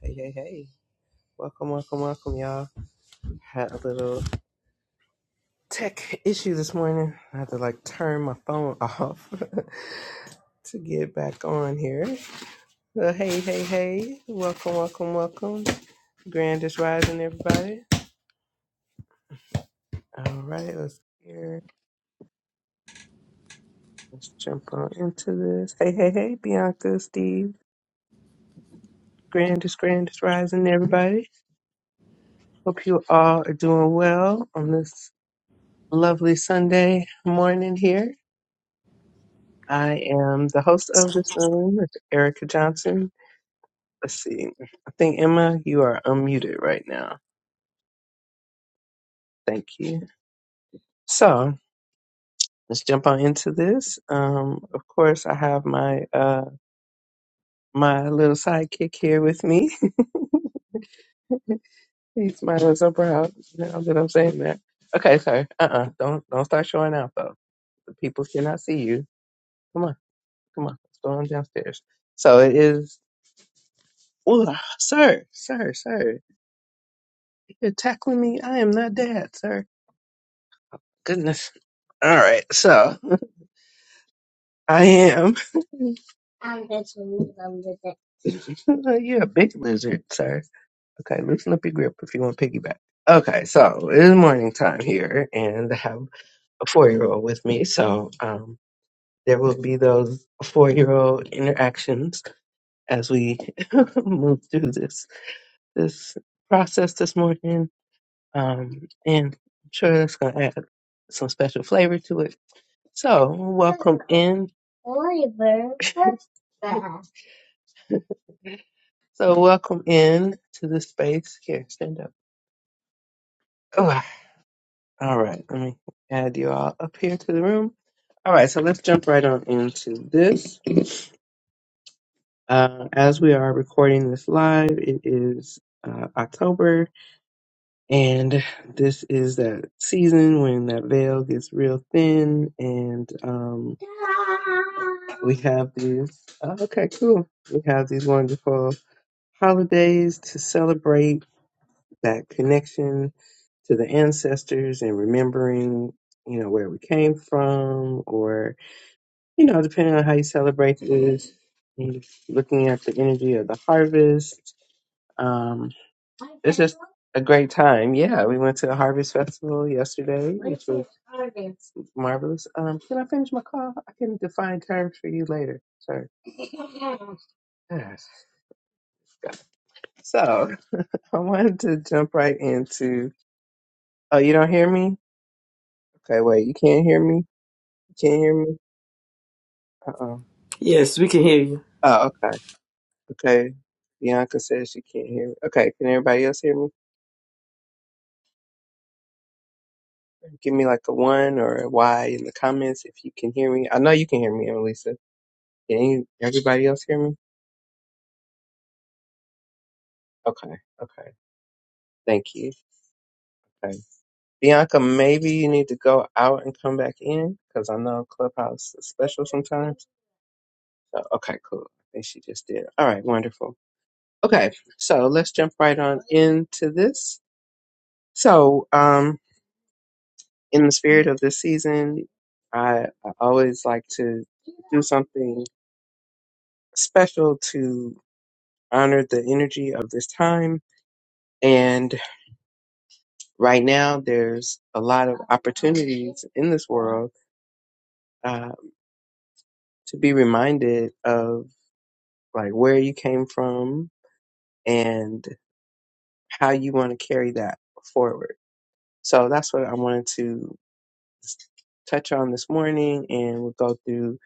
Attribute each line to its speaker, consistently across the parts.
Speaker 1: Hey, hey, hey. Welcome, welcome, welcome, y'all. Had a little tech issue this morning. I had to like turn my phone off to get back on here. Well, hey, hey, hey. Welcome, welcome, welcome. Grandest rising, everybody. All right, let's here. Let's jump on into this. Hey, hey, hey, Bianca, Steve. grandest grandest rising, everybody. Hope you all are doing well on this lovely Sunday morning here. I am the host of this room, Miss Erica Johnson. Let's see. I think, Emma, you are unmuted right now. Thank you. So let's jump on into this. Um, of course, I have my uh, my little sidekick here with me. He's my little so proud now that I'm saying that. Okay, sorry. Uh-uh. Don't don't start showing out though. The people cannot see you. Come on, come on. Let's go on downstairs. So it is. Oh, sir, sir, sir. You're tackling me. I am not dad, sir. Goodness. All right. So I am. I'm the lizard. You're a big lizard, sir. Okay, loosen up your grip if you want piggyback. Okay, so it is morning time here, and I have a four year old with me. So um, there will be those four year old interactions as we move through this this process this morning. Um, and I'm sure that's going to add some special flavor to it. So, welcome in. So welcome in to the space. Here, stand up. Oh, all right. Let me add you all up here to the room. All right. So let's jump right on into this. Uh, as we are recording this live, it is uh, October, and this is that season when that veil gets real thin, and um, we have these. oh, okay, cool. We have these wonderful holidays to celebrate that connection to the ancestors and remembering, you know, where we came from, or, you know, depending on how you celebrate this, and looking at the energy of the harvest. Um, it's just a great time. Yeah, we went to a harvest festival yesterday, which was marvelous. Um, can I finish my call? I can define terms for you later. Sorry. Yes. So I wanted to jump right into. Oh, you don't hear me? Okay, wait. You can't hear me. You can't hear me. Uh oh.
Speaker 2: Yes, we can hear you.
Speaker 1: Oh, okay. Okay. Bianca says she can't hear me. Okay, can everybody else hear me? Give me like a one or a Y in the comments if you can hear me. I know you can hear me, Annalisa. Can any- everybody else hear me? Okay, okay. Thank you. Okay. Bianca, maybe you need to go out and come back in because I know Clubhouse is special sometimes. So, okay, cool. I think she just did. All right, wonderful. Okay, so let's jump right on into this. So, um. in the spirit of this season, I, I always like to do something special to honor the energy of this time. And right now, there's a lot of opportunities in this world uh, to be reminded of like where you came from and how you want to carry that forward. So that's what I wanted to touch on this morning, and we'll go through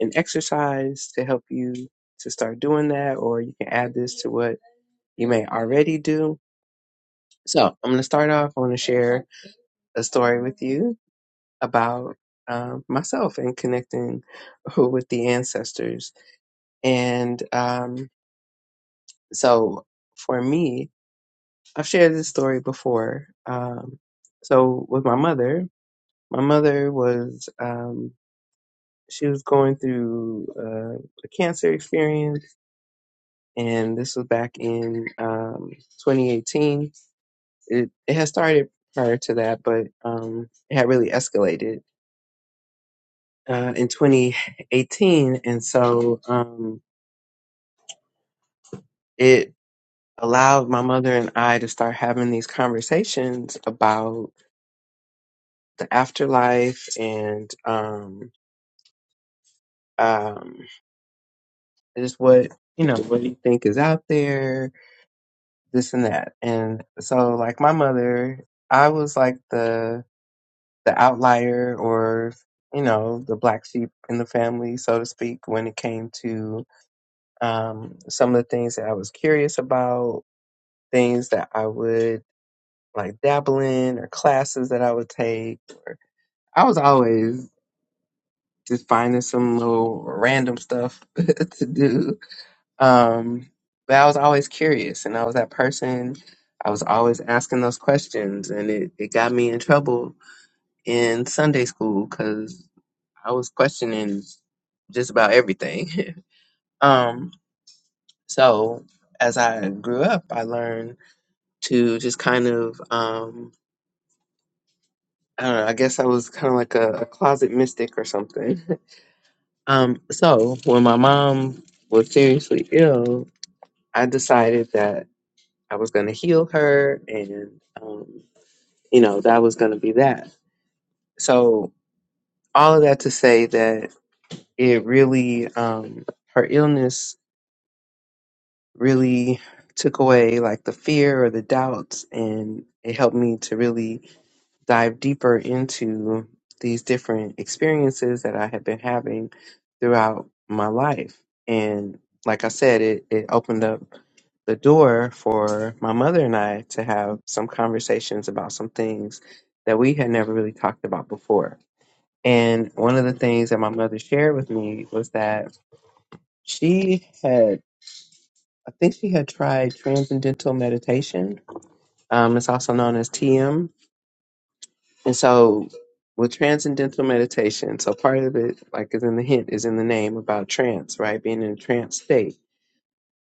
Speaker 1: an exercise to help you to start doing that, or you can add this to what you may already do. So, I'm going to start off. I want to share a story with you about um, myself and connecting with the ancestors. And um, so, for me, I've shared this story before. Um, so, with my mother, my mother was um, she was going through uh, a cancer experience and this was back in um, 2018. It, it had started prior to that, but um, it had really escalated uh, in 2018, and so um, it allowed my mother and I to start having these conversations about the afterlife and um, um, just what you know, what do you think is out there, this and that, and so like my mother. I was like the the outlier or you know the black sheep in the family so to speak when it came to um, some of the things that i was curious about things that i would like dabble in or classes that i would take or i was always just finding some little random stuff to do um, but i was always curious and i was that person i was always asking those questions and it, it got me in trouble in sunday school because. I was questioning just about everything. um, so as I grew up, I learned to just kind of, um, I don't know, I guess I was kind of like a, a closet mystic or something. um, so when my mom was seriously ill, I decided that I was going to heal her and, um, you know, that was going to be that. So all of that to say that it really, um, her illness really took away like the fear or the doubts and it helped me to really dive deeper into these different experiences that I had been having throughout my life. And like I said, it, it opened up the door for my mother and I to have some conversations about some things that we had never really talked about before. And one of the things that my mother shared with me was that she had I think she had tried transcendental meditation. Um, it's also known as TM. And so with transcendental meditation, so part of it, like is in the hint, is in the name about trance, right? Being in a trance state.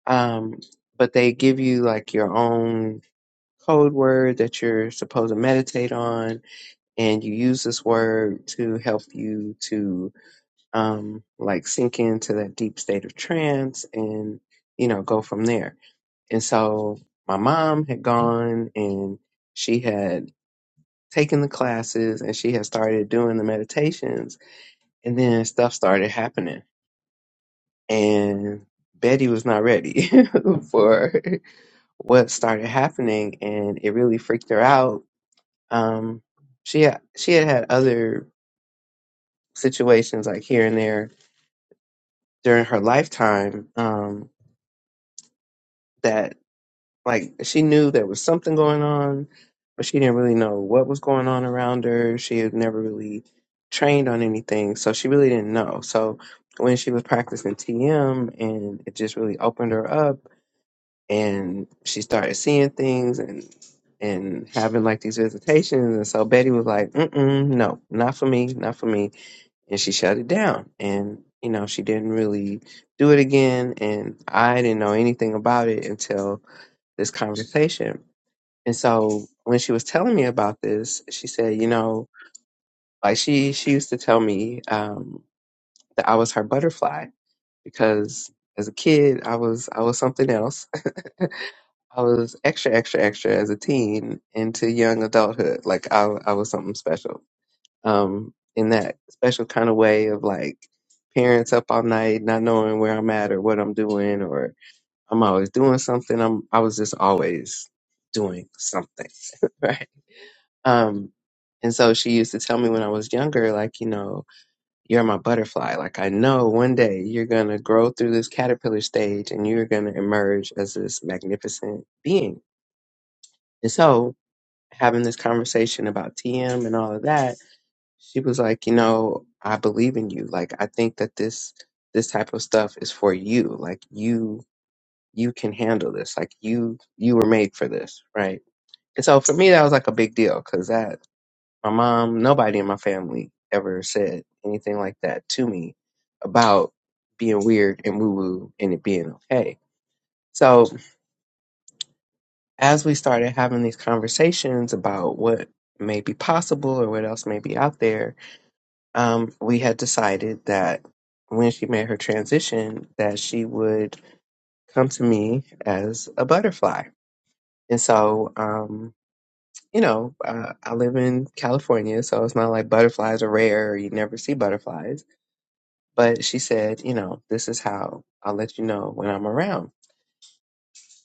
Speaker 1: Um, but they give you like your own code word that you're supposed to meditate on, and you use this word to help you to um, like sink into that deep state of trance and you know go from there And so my mom had gone and she had taken the classes and she had started doing the meditations. And then stuff started happening. And Betty was not ready for what started happening. And it really freaked her out. Um, she, had, she had had other situations like here and there during her lifetime um, that Like she knew there was something going on, but she didn't really know what was going on around her. She had never really trained on anything, so she really didn't know. So when she was practicing TM and it just really opened her up and she started seeing things and and having like these visitations and so Betty was like, Mm-mm, no, not for me, not for me and she shut it down and you know, she didn't really do it again and I didn't know anything about it until this conversation and so when she was telling me about this, she said, you know, like she she used to tell me um, that I was her butterfly because as a kid I was I was something else. I was extra extra extra as a teen into young adulthood. Like I I was something special. Um, in that special kind of way of like parents up all night, not knowing where I'm at or what I'm doing, or I'm always doing something. I'm I was just always doing something, right? Um, and so she used to tell me when I was younger, like, you know, you're my butterfly. Like, I know one day you're going to grow through this caterpillar stage and you're going to emerge as this magnificent being. And so, having this conversation about TM and all of that, she was like, you know, I believe in you. Like, I think that this this type of stuff is for you. Like, you you can handle this. Like, you you were made for this, right? And so for me, that was like a big deal because that My mom, nobody in my family ever said anything like that to me about being weird and woo woo and it being okay. So as we started having these conversations about what may be possible or what else may be out there, um, we had decided that when she made her transition, that she would come to me as a butterfly. And so, um, you know, uh, I live in California, so it's not like butterflies are rare. Or you never see butterflies But she said, you know, this is how I'll let you know when I'm around.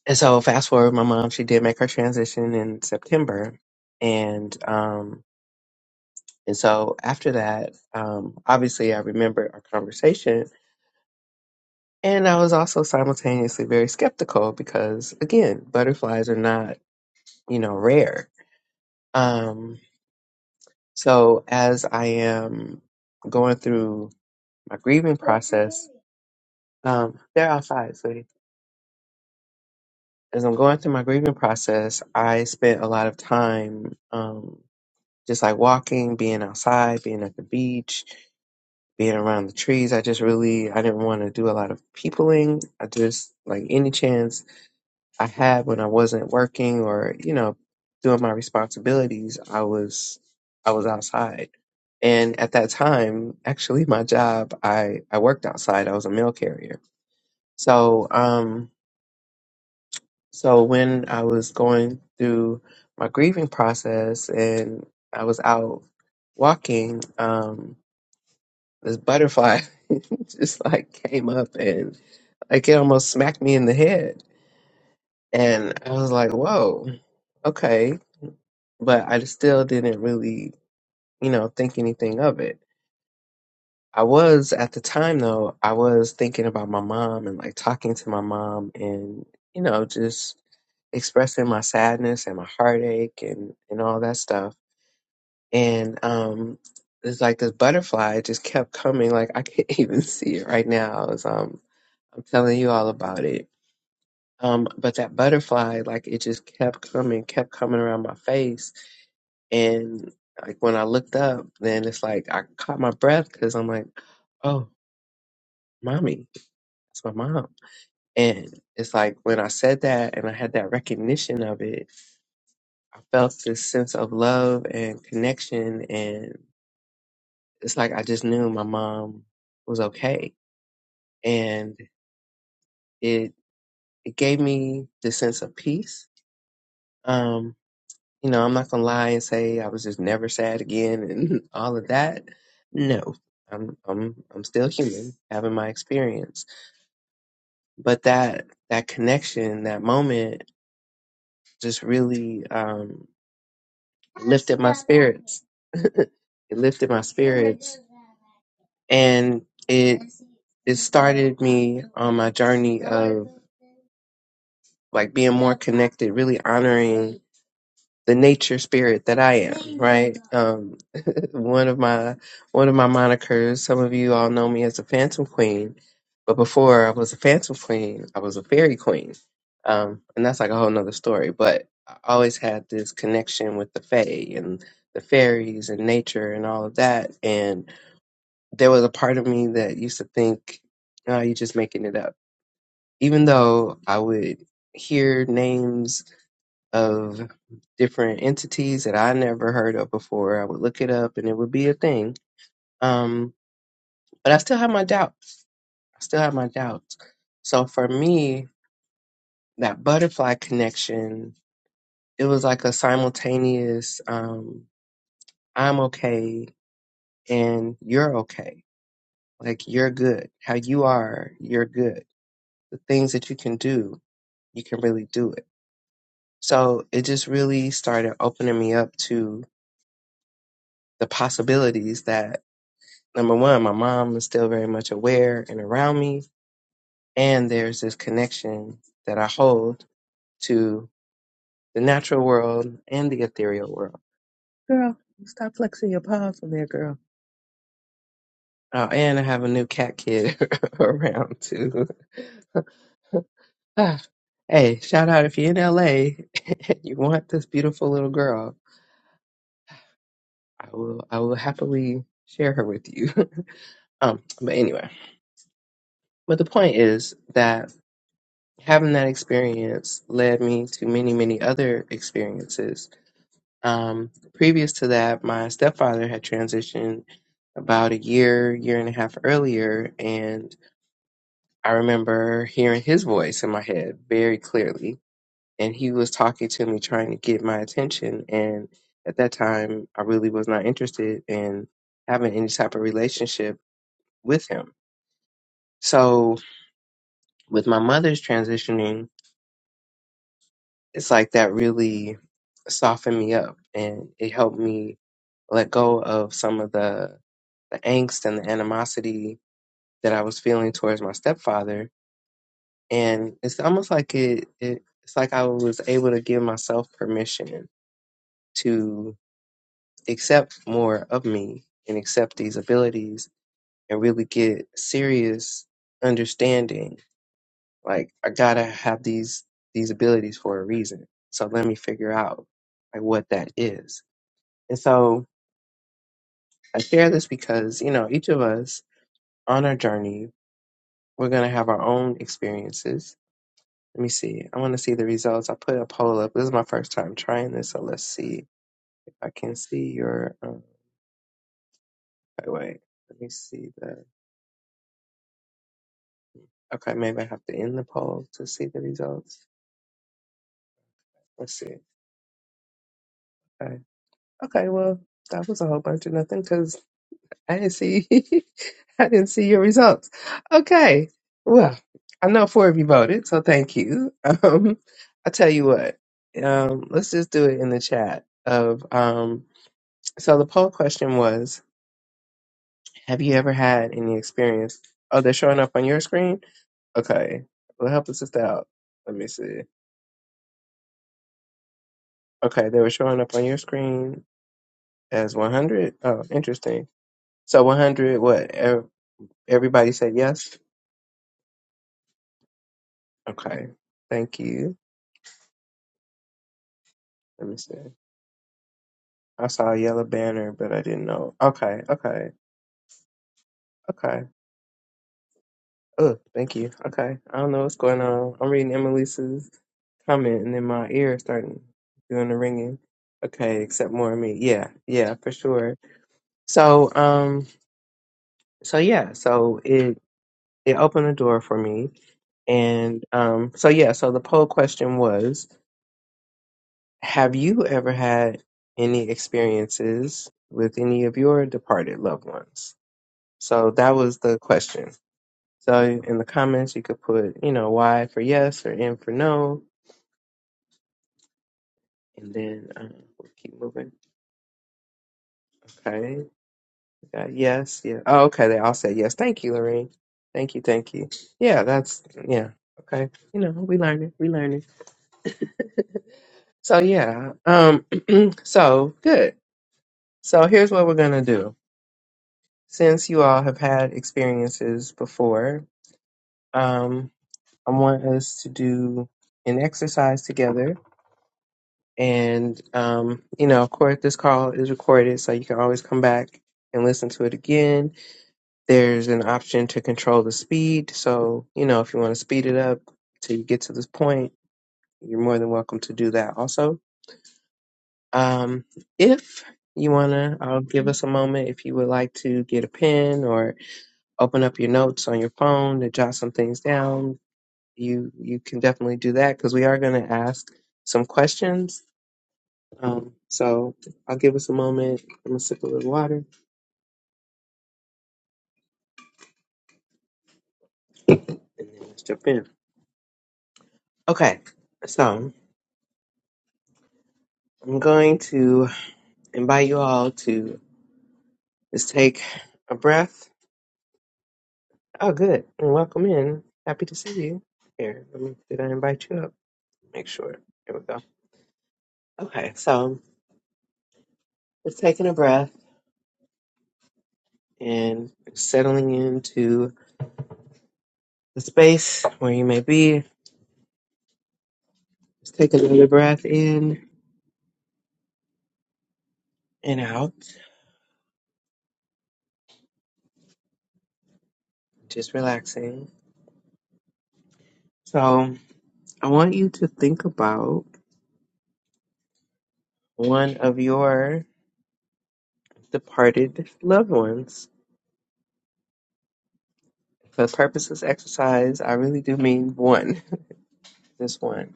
Speaker 1: And so fast forward, my mom, she did make her transition in September. And, um, and so after that, um, obviously I remembered our conversation and I was also simultaneously very skeptical because again, butterflies are not, you know, rare. Um, so as I am going through my grieving process, um, they're outside, sweetie. as I'm going through my grieving process, I spent a lot of time um, just like walking, being outside, being at the beach, being around the trees. I just really I didn't want to do a lot of peopling. I just like any chance I had when I wasn't working or you know doing my responsibilities, I was I was outside. And at that time, actually, my job I I worked outside. I was a mail carrier, so um, So when I was going through my grieving process and I was out walking, um, this butterfly just like came up and like it almost smacked me in the head. And I was like, whoa, okay. But I still didn't really, you know, think anything of it. I was at the time though, I was thinking about my mom and like talking to my mom and, you know, just expressing my sadness and my heartache and, and all that stuff. And um it's like this butterfly just kept coming, like I can't even see it right now as um I'm telling you all about it. Um, but that butterfly, like it just kept coming, kept coming around my face. And like when I looked up, then it's like I caught my breath because I'm like, oh, mommy. It's my mom. And it's like when I said that and I had that recognition of it, I felt this sense of love and connection. And it's like I just knew my mom was okay. And it, it gave me this sense of peace. Um, you know, I'm not gonna lie and say I was just never sad again and all of that. No, I'm, I'm, I'm still human having my experience, but that, that connection, that moment just really um, lifted my spirits. It lifted my spirits, and it it started me on my journey of like being more connected, really honoring the nature spirit that I am. Right? Um, one of my one of my monikers. Some of you all know me as a Phantom Queen, but before I was a Phantom Queen, I was a Fairy Queen, um, and that's like a whole nother story. But I always had this connection with the Fae and the fairies and nature and all of that. And there was a part of me that used to think, "Oh, you're just making it up," even though I would hear names of different entities that I never heard of before. I would look it up, and it would be a thing um, but I still have my doubts. I still have my doubts. So for me, that butterfly connection, it was like a simultaneous, um, I'm okay and you're okay. Like you're good. How you are, you're good. The things that you can do, you can really do it. So it just really started opening me up to the possibilities that number one, my mom is still very much aware and around me. And there's this connection that I hold to. the natural world and the ethereal world. Girl, stop flexing your paws on there, girl. Oh, and I have a new cat kid around too. Ah, hey, shout out if you're in LA and you want this beautiful little girl, I will I will happily share her with you. um, but anyway, but the point is that having that experience led me to many many other experiences Um, previous to that, my stepfather had transitioned about a year, year and a half earlier, and I remember hearing his voice in my head very clearly. And he was talking to me, trying to get my attention. And at that time, I really was not interested in having any type of relationship with him. So, with my mother's transitioning, it's like that really softened me up and it helped me let go of some of the the angst and the animosity that I was feeling towards my stepfather. And it's almost like it, it it's like I was able to give myself permission to accept more of me and accept these abilities and really get serious understanding. Like I gotta have these these abilities for a reason. So let me figure out like what that is. And so I share this because, you know, each of us on our journey We're going to have our own experiences. Let me see. I want to see the results. I put a poll up. This is my first time trying this, so let's see if I can see your. Um, wait, wait. Let me see the. Okay, maybe I have to end the poll to see the results. Let's see. Okay. Okay. Well, that was a whole bunch of nothing because I didn't see. I didn't see your results. Okay. Well, I know four of you voted, so thank you. Um, I tell you what. Um, let's just do it in the chat of um So the poll question was, have you ever had any experience? Oh, they're showing up on your screen? Okay. Well, help the sister out. Let me see. Okay, they were showing up on your screen as 100. Oh, interesting. So 100, what? ev- Everybody said yes? Okay. Thank you. Let me see. I saw a yellow banner, but I didn't know. Okay, okay, okay. Oh, thank you. Okay. I don't know what's going on. I'm reading Emmelisa's comment and then my ear starting doing the ringing. Okay, accept more of me. Yeah, yeah, for sure. So, um, so yeah, so it it opened the door for me. And um, so yeah, so the poll question was, have you ever had any experiences with any of your departed loved ones? So that was the question. So in the comments, you could put, you know, Y for yes or N for no, and then um, we'll keep moving. Okay, we got yes, yeah. Oh, okay, they all said yes. Thank you, Lorraine. Thank you, thank you. Yeah, that's yeah. Okay, you know, we learning, we learning. So yeah, um, so good. So here's what we're gonna do. Since you all have had experiences before, um, I want us to do an exercise together And, um, you know, of course, this call is recorded, so you can always come back and listen to it again. There's an option to control the speed. So, you know, if you want to speed it up till you get to this point, you're more than welcome to do that also. Um, if you want to, I'll give us a moment. If you would like to get a pen or open up your notes on your phone to jot some things down, you, you can definitely do that because we are going to ask some questions Um, so I'll give us a moment. I'm gonna sip a little water and then let's jump in. Okay, so I'm going to invite you all to just take a breath. Oh, good, and welcome in. Happy to see you. Here, let me, did I invite you up? Make sure. There we go. Okay, so just taking a breath and settling into the space where you may be. Just take another breath in and out, just relaxing. So. I want you to think about one of your departed loved ones. For purposes exercise, I really do mean one, this one.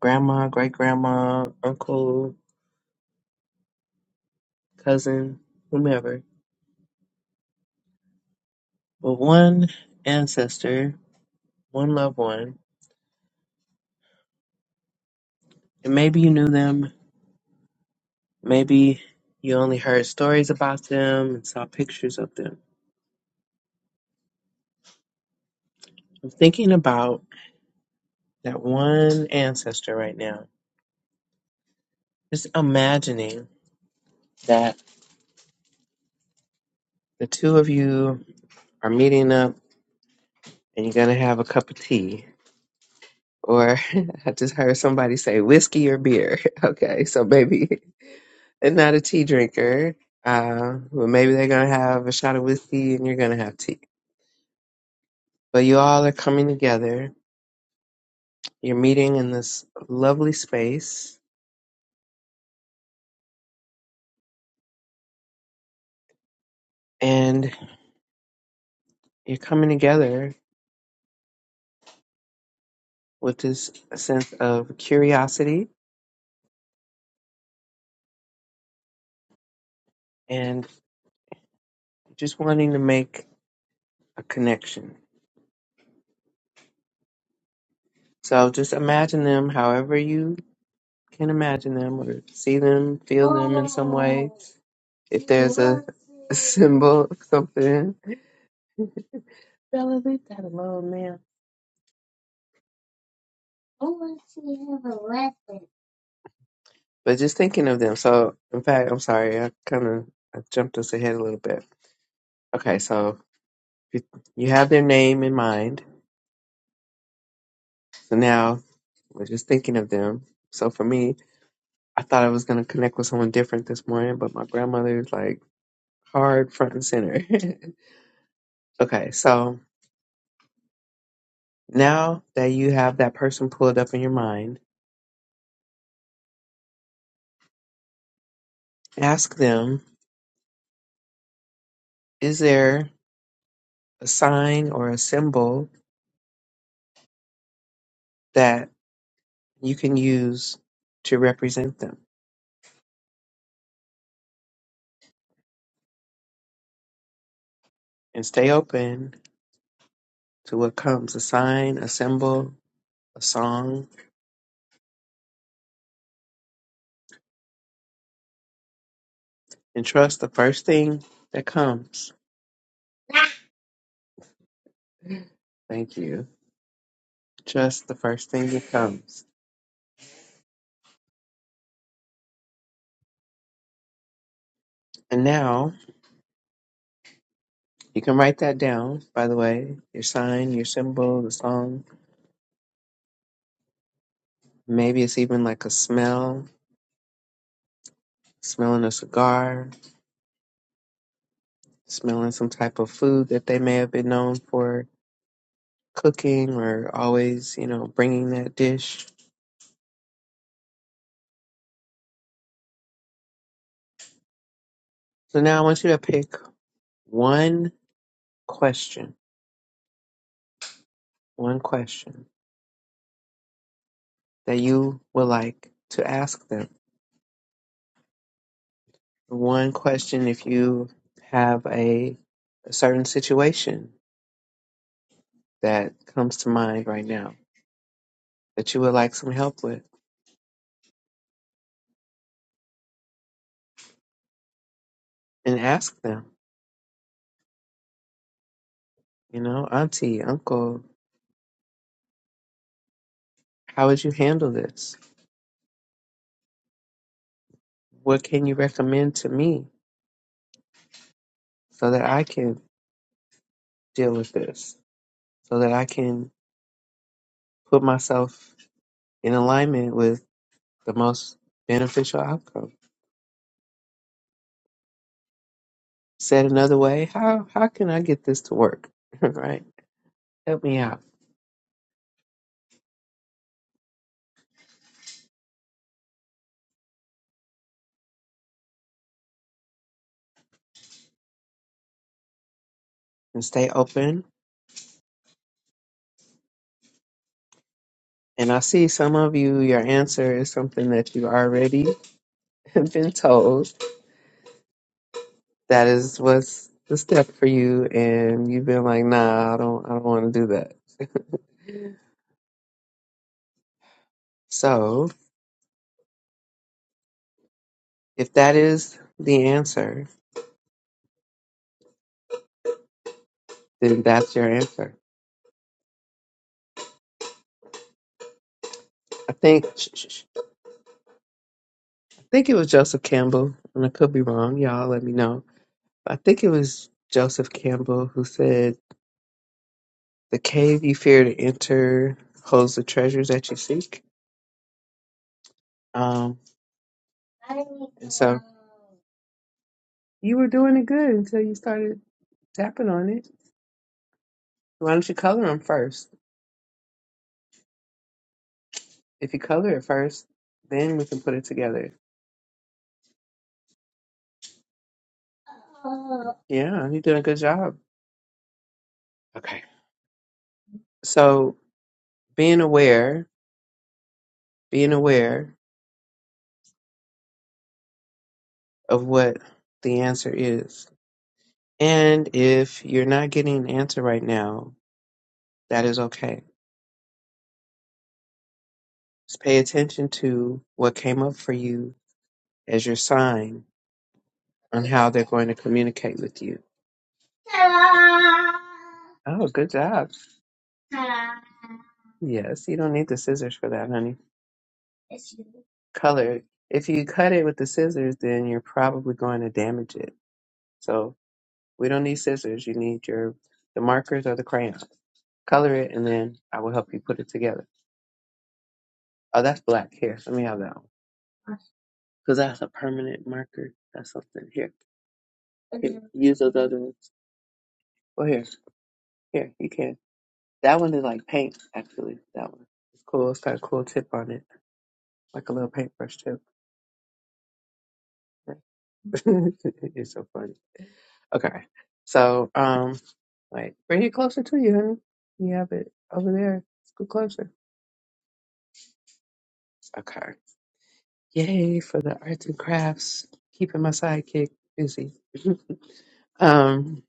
Speaker 1: Grandma, great grandma, uncle, cousin, whomever. But one ancestor, one loved one. And maybe you knew them, maybe you only heard stories about them and saw pictures of them. I'm thinking about that one ancestor right now. Just imagining that the two of you are meeting up and you're gonna have a cup of tea. Or I just heard somebody say whiskey or beer. Okay, so maybe they're not a tea drinker. Uh, well, maybe they're gonna have a shot of whiskey and you're gonna have tea. But you all are coming together. You're meeting in this lovely space, and you're coming together with this sense of curiosity and just wanting to make a connection. So just imagine them however you Can't imagine them or see them, feel them in some way. If there's a, a symbol, something. Bella, leave that alone, man. But just thinking of them. So, in fact, I'm sorry, I kind of I jumped us ahead a little bit. Okay, so you, you have their name in mind. So now we're just thinking of them. So for me, I thought I was going to connect with someone different this morning, but my grandmother is like hard front and center. okay, so now that you have that person pulled up in your mind, Ask them, is there a sign or a symbol that you can use to represent them? And stay open to what comes a sign, a symbol, a song, and trust the first thing that comes. Thank you. Trust the first thing that comes. And now you can write that down, by the way your sign, your symbol, the song. Maybe it's even like a smell, smelling a cigar, smelling some type of food that they may have been known for cooking or always, you know, bringing that dish. So now I want you to pick one question, one question that you would like to ask them. One question if you have a, a certain situation that comes to mind right now that you would like some help with and ask them, you know, auntie, uncle, how would you handle this? What can you recommend to me so that I can deal with this? So that I can put myself in alignment with the most beneficial outcome. Said another way, how how can I get this to work? right? Help me out and stay open. And I see some of you, your answer is something that you already have been told. That is what's the step for you, and you've been like, nah, I don't, I don't want to do that. So if that is the answer, then that's your answer. I think, I think it was Joseph Campbell, and I could be wrong. Y'all let me know I think it was Joseph Campbell who said, "The cave you fear to enter holds the treasures that you seek." Um, and so you were doing it good until you started tapping on it. Why don't you color them first? If you color it first, then we can put it together. Yeah, you did a good job. Okay. So being aware, being aware of what the answer is. And if you're not getting an answer right now, that is okay Just pay attention to what came up for you as your sign on how they're going to communicate with you. Oh, good job. Yes, you don't need the scissors for that, honey. Color. If you cut it with the scissors, then you're probably going to damage it. So we don't need scissors. You need your the markers or the crayons. Color it, and then I will help you put it together. Oh, that's black. Here, let me have that one. Because that's a permanent marker. That's something. Here, here use those other ones. Well, here, here, you can. That one is like paint, actually. That one. It's cool. It's got a cool tip on it, like a little paintbrush tip. it's so funny. Okay. So, um, wait, bring it closer to you, honey. You have it over there. Let's go closer. Okay. Yay for the arts and crafts. Keeping my sidekick busy. um,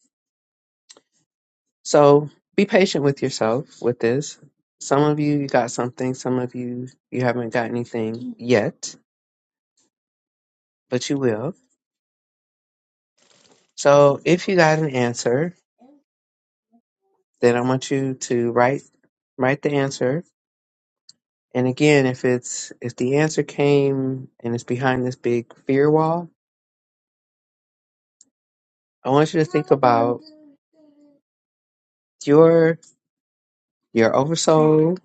Speaker 1: so be patient with yourself with this. Some of you, you got something. Some of you, you haven't got anything yet, but you will. So if you got an answer, Then I want you to write write the answer. And again, if it's if the answer came and it's behind this big fear wall, I want you to think about your your oversoul,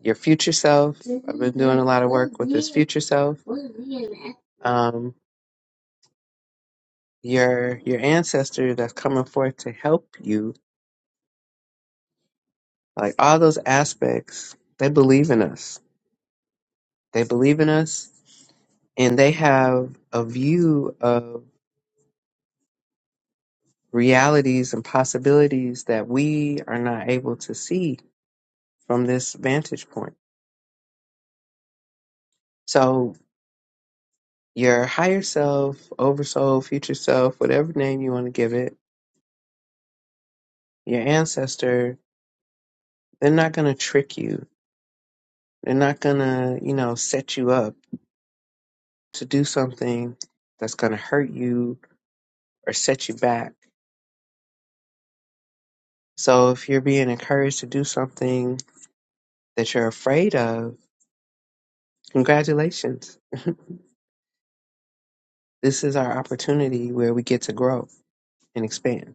Speaker 1: your future self. I've been doing a lot of work with this future self. Um, your your ancestor that's coming forth to help you. Like all those aspects, they believe in us. They believe in us, and they have a view of realities and possibilities that we are not able to see from this vantage point. So, your higher self, oversoul, future self, whatever name you want to give it, your ancestor, they're not going to trick you. They're not going to, you know, set you up to do something that's going to hurt you or set you back. So, if you're being encouraged to do something that you're afraid of, congratulations. This is our opportunity where we get to grow and expand.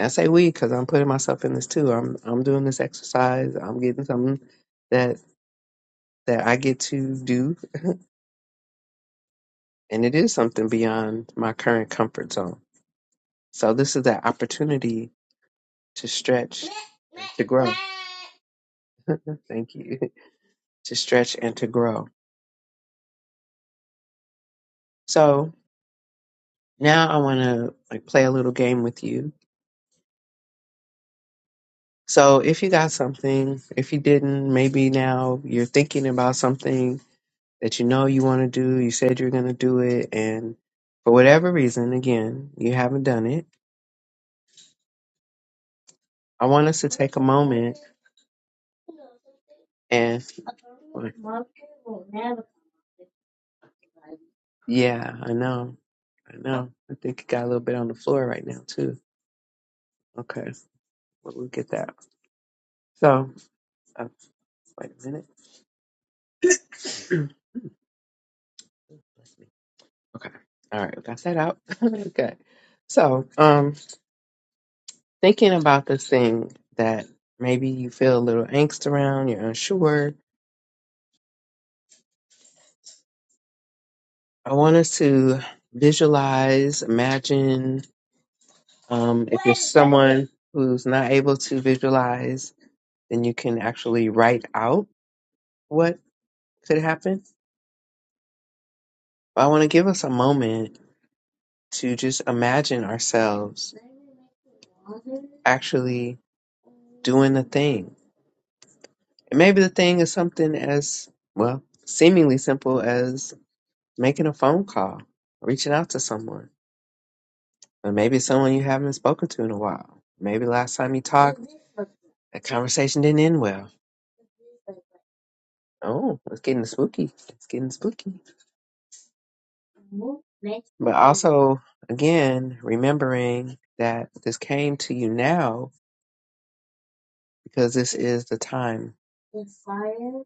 Speaker 1: I say we because I'm putting myself in this too. I'm I'm doing this exercise. I'm getting something that that I get to do, and it is something beyond my current comfort zone. So this is that opportunity to stretch, and to grow. Thank you to stretch and to grow. So now I want to like play a little game with you. So if you got something, if you didn't, maybe now you're thinking about something that you know you want to do, you said you're going to do it, and for whatever reason, again, you haven't done it, I want us to take a moment and. Yeah, I know. I know. I think it got a little bit on the floor right now, too. Okay, well, we'll get that. So, uh, wait a minute. okay. All right, we got that out. okay. So, um, thinking about this thing that maybe you feel a little angst around, you're unsure, I want us to visualize, imagine. Um, if you're someone who's not able to visualize, then you can actually write out what could happen. But I want to give us a moment to just imagine ourselves actually doing the thing. And maybe the thing is something as, well, seemingly simple as making a phone call, reaching out to someone. Or maybe it's someone you haven't spoken to in a while. Maybe last time you talked, that conversation didn't end well. Oh, it's getting spooky. It's getting spooky. But also, again, remembering that this came to you now because this is the time.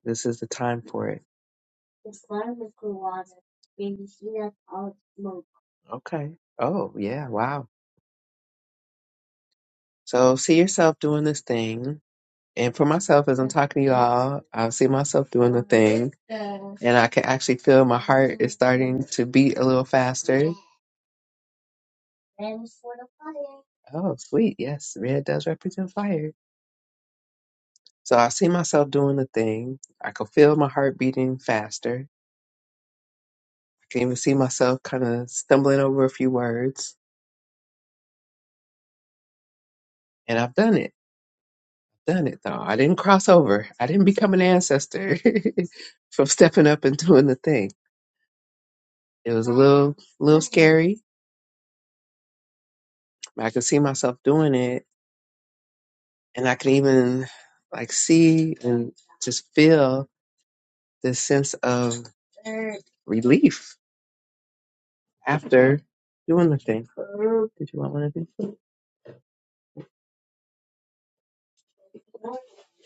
Speaker 1: This is the time for it. Okay. Oh, yeah. Wow. So see yourself doing this thing. And for myself, as I'm talking to y'all, I see myself doing the thing. And I can actually feel my heart is starting to beat a little faster Oh, sweet. Yes, red does represent fire. So I see myself doing the thing. I could feel my heart beating faster. I can even see myself kind of stumbling over a few words. And I've done it. done it, though. I didn't cross over. I didn't become an ancestor from stepping up and doing the thing. It was a little, little scary, but I could see myself doing it. And I could even like see and just feel this sense of relief after doing the thing. Did you want one of these?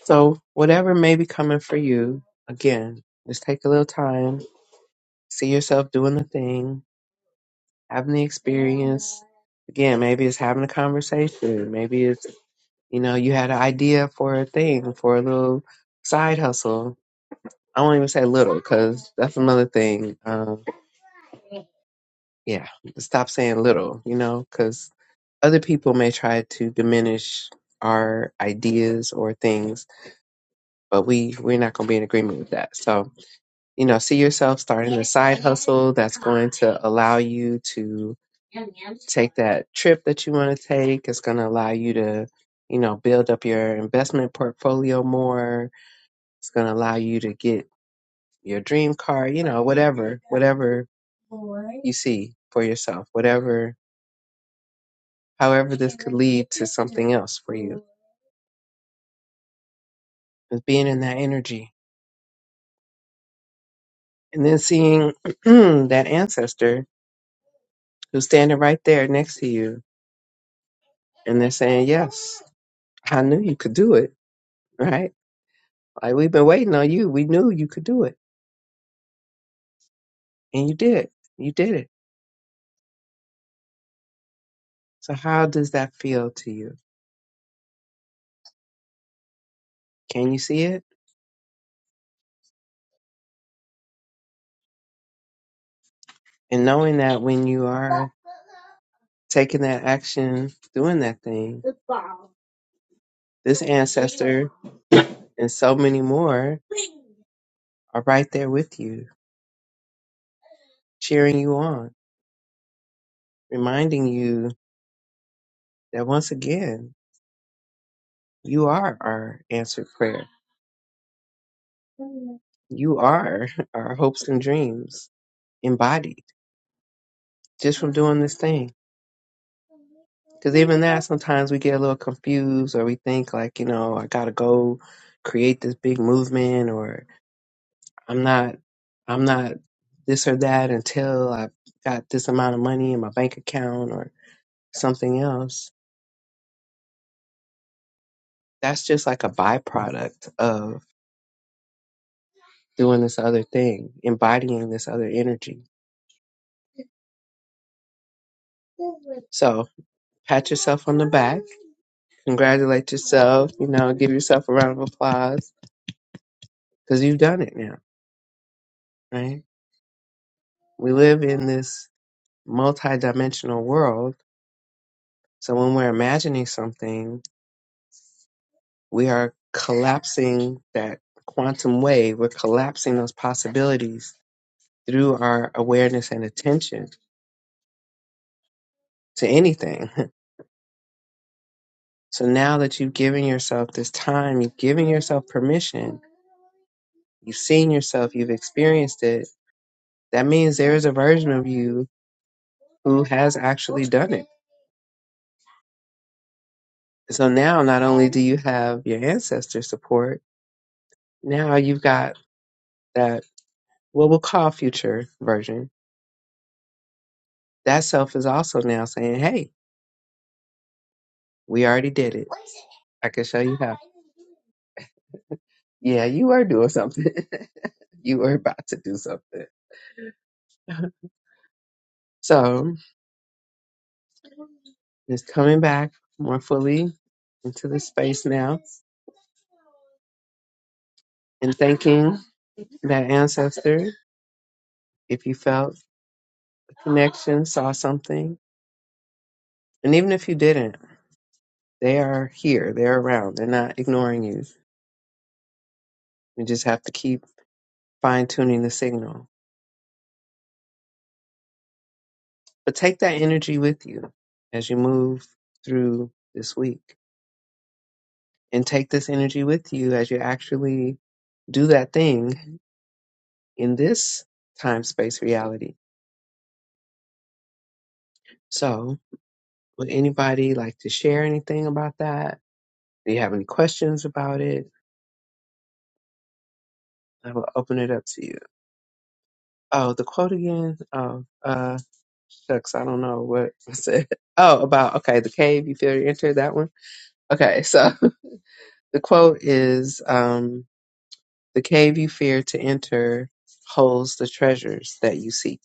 Speaker 1: So, whatever may be coming for you, again, just take a little time, see yourself doing the thing, having the experience. Again, maybe it's having a conversation. Maybe it's, you know, you had an idea for a thing, for a little side hustle. I won't even say little because that's another thing. Um, yeah, stop saying little, you know, because other people may try to diminish our ideas or things, but we, we're not going to be in agreement with that. So, you know, see yourself starting a side hustle that's going to allow you to take that trip that you want to take. It's going to allow you to, you know, build up your investment portfolio more. It's going to allow you to get your dream car, you know, whatever, whatever you see for yourself, whatever, however this could lead to something else for you. It's being in that energy and then seeing that ancestor who's standing right there next to you and they're saying yes I knew you could do it, right? Like we've been waiting on you. We knew you could do it, and you did. You did it. So how does that feel to you? Can you see it? And knowing that when you are taking that action, doing that thing, this ancestor and so many more are right there with you, cheering you on, reminding you that once again, you are our answered prayer. You are our hopes and dreams embodied just from doing this thing. Because even that, sometimes we get a little confused or we think, like, you know, I got to go create this big movement or I'm not, I'm not this or that until I've got this amount of money in my bank account or something else. That's just like a byproduct of doing this other thing, embodying this other energy. So pat yourself on the back, congratulate yourself, you know, give yourself a round of applause because you've done it now, right? We live in this multidimensional world. So when we're imagining something, we are collapsing that quantum wave. We're collapsing those possibilities through our awareness and attention to anything. So now that you've given yourself this time, you've given yourself permission, you've seen yourself, you've experienced it, that means there is a version of you who has actually done it. So now not only do you have your ancestor support, now you've got that what we'll call future version, that self is also now saying, Hey, we already did it. I can show you how. Yeah, you are doing something. you are about to do something. So it's coming back more fully into the space now and thanking that ancestor if you felt a connection, saw something. And even if you didn't, they are here, they're around, they're not ignoring you. You just have to keep fine tuning the signal. But take that energy with you as you move through this week. And take this energy with you as you actually do that thing in this time space reality. So, would anybody like to share anything about that? Do you have any questions about it? I will open it up to you. Oh, the quote again. Oh, uh, shucks, I don't know what I said. Oh, about okay, the cave you feel you enter that one. Okay, so the quote is, um, The cave you fear to enter holds the treasures that you seek.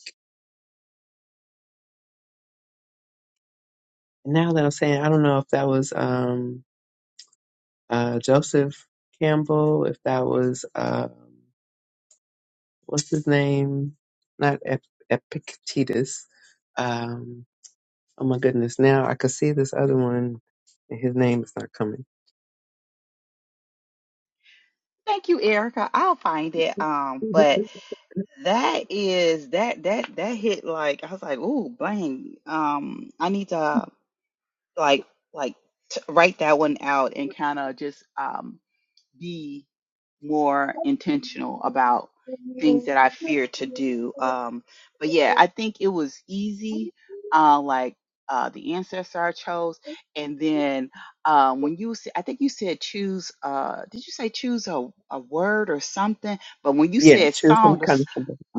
Speaker 1: now that I'm saying, I don't know if that was um, uh, Joseph Campbell, if that was um what's his name, not Ep- Epictetus. Um, oh my goodness! Now I could see this other one, and his name is not coming.
Speaker 3: Thank you, Erica. I'll find it. Um,
Speaker 1: Mhm.
Speaker 3: but that is that that that hit like I was like, ooh, bang. Um, I need to like like t- write that one out and kind of just um be more intentional about things that I fear to do. Um, but yeah, I think it was easy, uh, like uh, the ancestor I chose, and then um, when you, sa- I think you said choose. Uh, did you say choose a, a word or something? But when you
Speaker 1: Yeah,
Speaker 3: said
Speaker 1: choose some
Speaker 3: song,
Speaker 1: country.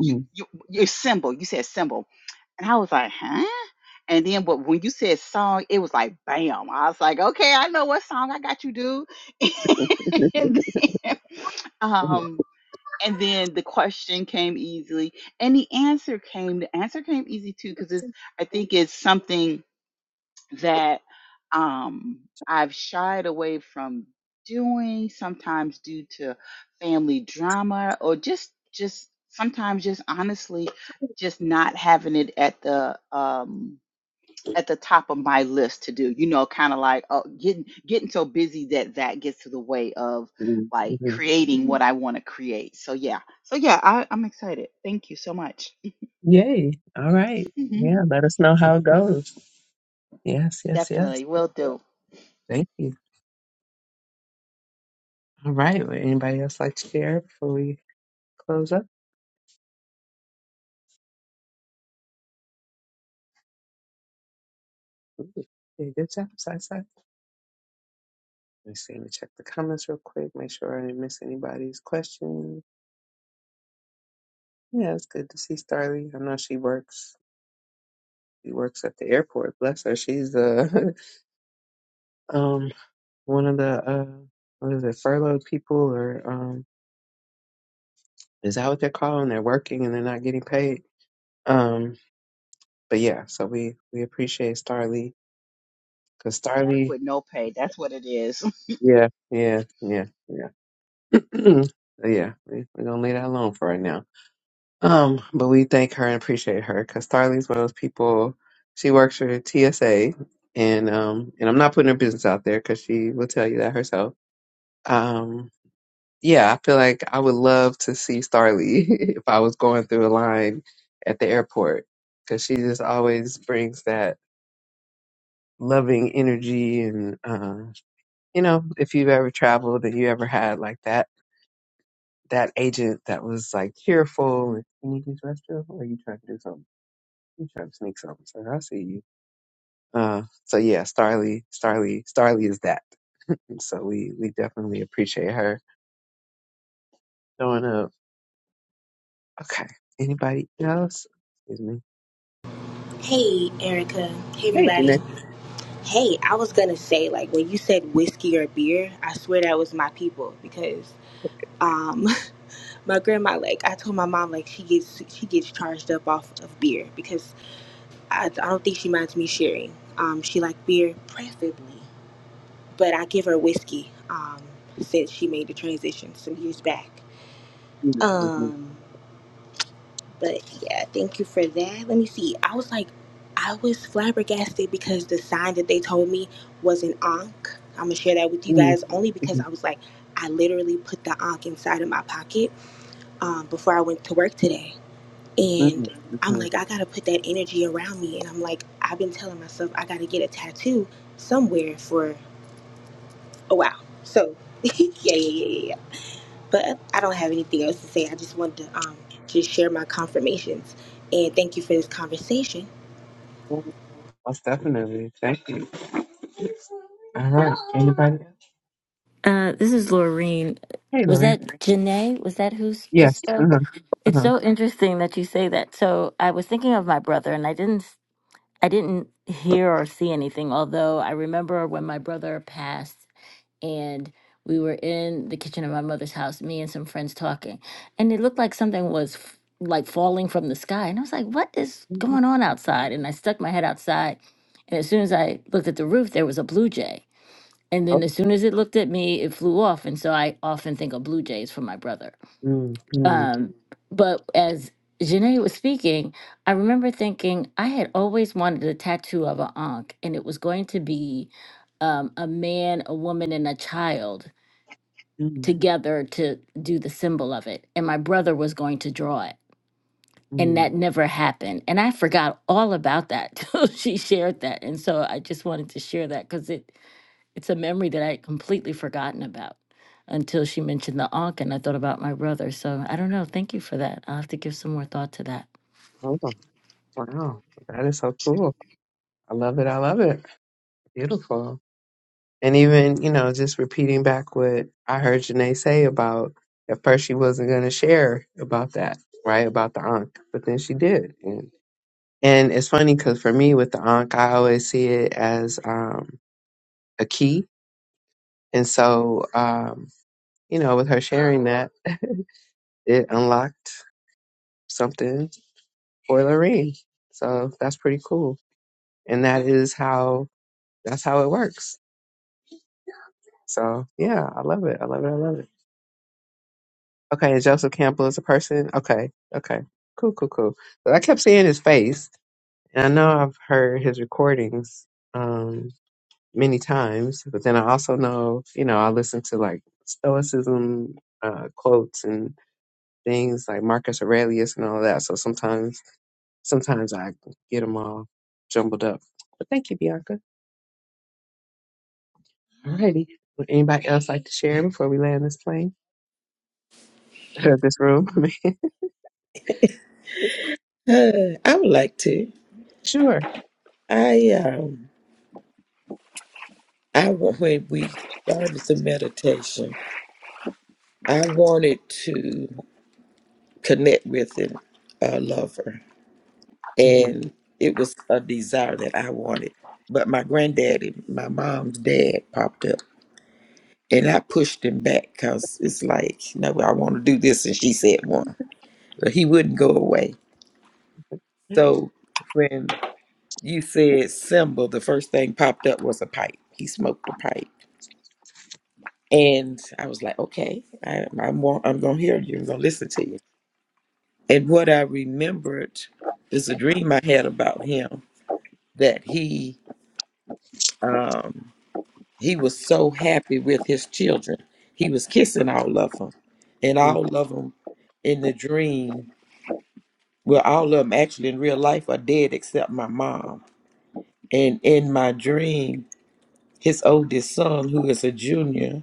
Speaker 3: you, you your symbol. You said symbol, and I was like, huh? And then, but when you said song, it was like bam. I was like, okay, I know what song I got you, dude. and then,
Speaker 1: Mhm.
Speaker 3: um, and then the question came easily, and the answer came. The answer came easy too, because it's. I think it's something that um, I've shied away from doing, sometimes due to family drama or just just sometimes just honestly just not having it at the um, at the top of my list to do. You know, kind of like oh, getting getting so busy that that gets to the way of
Speaker 1: Mhm.
Speaker 3: like
Speaker 1: Mhm.
Speaker 3: creating what I want to create. So yeah, so yeah, I, I'm excited. Thank you so much.
Speaker 1: Yay! All right. Yeah, let us know how it goes. Yes, yes, yes.
Speaker 3: Definitely will do.
Speaker 1: Thank you. All right. Would anybody else like to share before we close up? Ooh, did good job, side Let me see. Let me check the comments real quick. Make sure I didn't miss anybody's question. Yeah, it's good to see Starly. I know she works. She works at the airport. Bless her. She's uh, um one of the uh what is it furloughed people or um is that what they're calling? They're working and they're not getting paid. Um, but yeah. So we we appreciate Starly because
Speaker 3: Work
Speaker 1: Starly.
Speaker 3: with no pay. That's what it is.
Speaker 1: Yeah, yeah, yeah, yeah. So, yeah, we, we're gonna leave that alone for right now. Um, but we thank her and appreciate her because Starly's one of those people. She works for TSA, and um, and I'm not putting her business out there because she will tell you that herself. Um, yeah, I feel like I would love to see Starly if I was going through a line at the airport because she just always brings that loving energy and uh, you know, if you've ever traveled and you ever had like that that agent that was like cheerful. You need these restrooms, or are you trying to do something? You trying to sneak something? So I see you. Uh, so yeah, Starly, Starly, Starly is that. And so we we definitely appreciate her showing up. Okay, anybody else? Excuse me.
Speaker 4: Hey, Erica. Hey,
Speaker 1: Hey,
Speaker 4: everybody.
Speaker 1: Jeanette.
Speaker 4: Hey, I was gonna say, like, when you said whiskey or beer, I swear that was my people because um, my grandma, like, I told my mom, like, she gets she gets charged up off of beer because I, I don't think she minds me sharing. Um, she like beer preferably, but I give her whiskey um, since she made the transition some years back.
Speaker 1: Mhm, mhm,
Speaker 4: Um, But yeah, thank you for that. Let me see. I was like, I was flabbergasted because the sign that they told me was an Ankh. I'm gonna share that with you guys only because
Speaker 1: mhm,
Speaker 4: I was like, I literally put the Ankh inside of my pocket um, before I went to work today, and
Speaker 1: mhm,
Speaker 4: I'm
Speaker 1: mhm,
Speaker 4: like, I gotta put that energy around me, and I'm like, I've been telling myself I gotta get a tattoo somewhere for a while. So yeah, yeah, yeah, yeah, yeah. But I don't have anything else to say. I just wanted to um, just share my confirmations and thank you for this conversation.
Speaker 1: mhm. Most definitely. Thank you. All right. Anybody? else?
Speaker 5: Uh, this is Laureen.
Speaker 1: Hey,
Speaker 5: Was
Speaker 1: Lori.
Speaker 5: that Janae? Was that who s- just
Speaker 1: Yes. Uh
Speaker 5: spoke?
Speaker 1: huh. Uh
Speaker 5: It's
Speaker 1: huh.
Speaker 5: so interesting that you say that. So I was thinking of my brother, and I didn't, s- I didn't hear or see anything. Although I remember when my brother passed, and we were in the kitchen of my mother's house, me and some friends talking, and it looked like something was f- like falling from the sky, and I was like, "What is going on outside?" And I stuck my head outside, and as soon as I looked at the roof, there was a blue jay and then
Speaker 1: Oh.
Speaker 5: as soon as it looked at me, it flew off. And so I often think of Blue Jays for my brother.
Speaker 1: Mm-hmm.
Speaker 5: Um, but as Janae was speaking, I remember thinking I had always wanted a tattoo of an ankh, and it was going to be um, a man, a woman, and a child
Speaker 1: Mm-hmm.
Speaker 5: together to do the symbol of it. And my brother was going to draw it. And that never happened. And I forgot all about that till she shared that. And so I just wanted to share that because it it's a memory that I had completely forgotten about until she mentioned the Ankh, and I thought about my brother. So I don't know. Thank you for that. I'll have to give some more thought to that.
Speaker 1: Oh, wow. That is so cool. I love it. I love it. Beautiful. And even, you know, just repeating back what I heard Janae say about at first she wasn't going to share about that, right? About the Ankh, but then she did. And, and it's funny because for me with the Ankh, I always see it as um, a key. And so, um, you know, with her sharing that, it unlocked something for Lorene. So that's pretty cool. And that is how that's how it works So yeah, I love it. I love it. I love it. Okay, and Joseph Campbell is a person. Okay, okay, cool, cool, cool. But I kept seeing his face, and I know I've heard his recordings um, many times. But then I also know, you know, I listen to like Stoicism uh, quotes and things like Marcus Aurelius and all that. So sometimes, sometimes I get them all jumbled up. But thank you, Bianca. Alrighty. Would anybody else like to share before we land this plane, this room?
Speaker 2: Uh, I would like to.
Speaker 1: Sure.
Speaker 2: I um, I wa- when we started the meditation, I wanted to connect with an, a lover,
Speaker 1: Mhm.
Speaker 2: and it was a desire that I wanted. But my granddaddy, my mom's dad, popped up, and I pushed him back because it's like, no, I want to do this, and she said one, but he wouldn't go away.
Speaker 1: Mm,
Speaker 2: So when you said symbol, the first thing popped up was a pipe. He smoked a pipe And I was like, okay, I, I'm, wa- I'm going to hear you. I'm going to listen to you. And what I remembered is a dream I had about him that he um, he was so happy with his children. He was kissing all of them, and
Speaker 1: mm,
Speaker 2: all of them in the dream. Well, all of them actually in real life are dead except my mom. And in my dream, his oldest son, who is a junior,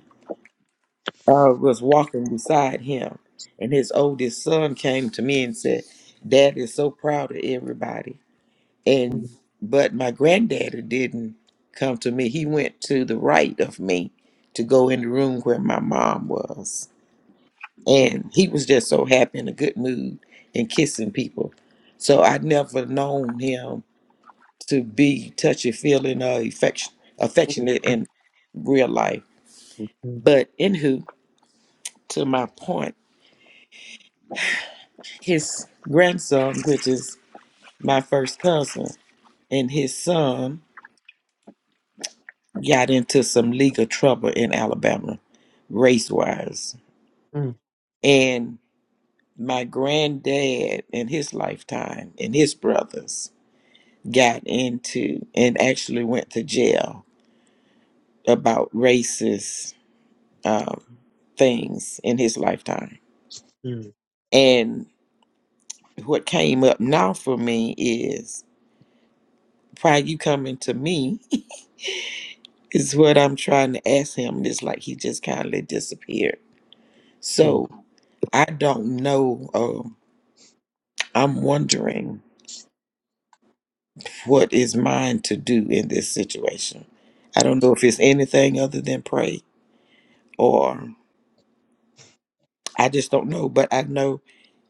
Speaker 2: uh, was walking beside him, and his oldest son came to me and said, "Dad is so proud of everybody."
Speaker 1: mm,
Speaker 2: And
Speaker 1: mm,
Speaker 2: but my granddaddy didn't come to me. He went to the right of me to go in the room where my mom was, and he was just so happy in a good mood and kissing people. So I'd never known him to be touchy feeling or affection,
Speaker 1: mm,
Speaker 2: affectionate
Speaker 1: mm,
Speaker 2: in real life.
Speaker 1: mm,
Speaker 2: But anywho, to my point his grandson, which is my first cousin, and his son got into some legal trouble in Alabama, race wise.
Speaker 1: mm,
Speaker 2: And my granddad in his lifetime and his brothers got into and actually went to jail about racist um, things in his lifetime.
Speaker 1: mm,
Speaker 2: And what came up now for me is prior you coming to me is what I'm trying to ask him. It's like he just kindly disappeared.
Speaker 1: mm.
Speaker 2: So I don't know. Um, I'm wondering what is mine to do in this situation. I don't know if it's anything other than pray, or I just don't know. But I know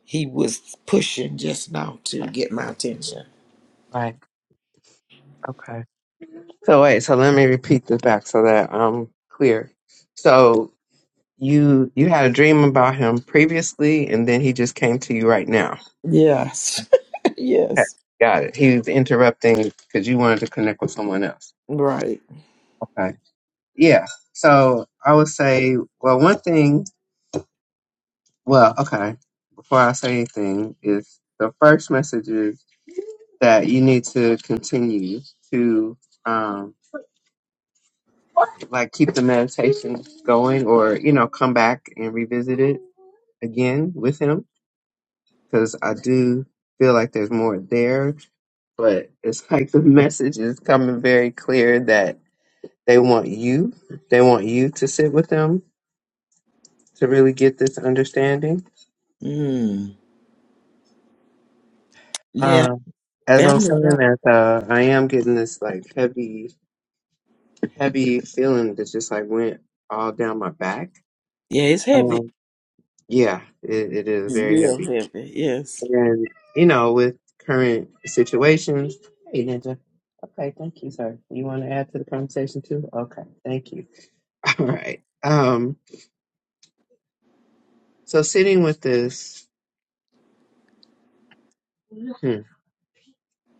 Speaker 2: he was pushing just now to get my attention.
Speaker 1: Right. Okay. So wait. So let me repeat this back so that I'm clear. So you you had a dream about him previously, and then he just came to you right now.
Speaker 2: Yes,
Speaker 1: Okay,
Speaker 2: yes,
Speaker 1: Got it. He's interrupting because you wanted to connect with someone else.
Speaker 2: right.
Speaker 1: Okay. Yeah. So I would say, well, one thing, well, okay, before I say anything, is the first message is that you need to continue to, um, like keep the meditation going or, you know, come back and revisit it again with him because I do feel like there's more there, but it's like the message is coming very clear that. They want you. They want you to sit with them to really get this understanding.
Speaker 2: Mm. Yeah,
Speaker 1: Uh, as I'm
Speaker 2: family.
Speaker 1: saying
Speaker 2: drama.
Speaker 1: that, uh, I am getting this like heavy, heavy feeling that just like went all down my back.
Speaker 2: Yeah, it's heavy.
Speaker 1: Um, yeah, it, it is
Speaker 2: It's
Speaker 1: very
Speaker 2: real
Speaker 1: heavy.
Speaker 2: heavy. Yes,
Speaker 1: And you know, with current situations, hey Ninja. Okay, thank you, sir. You want to add to the conversation too? Okay, thank you. All right. Um, so sitting with this.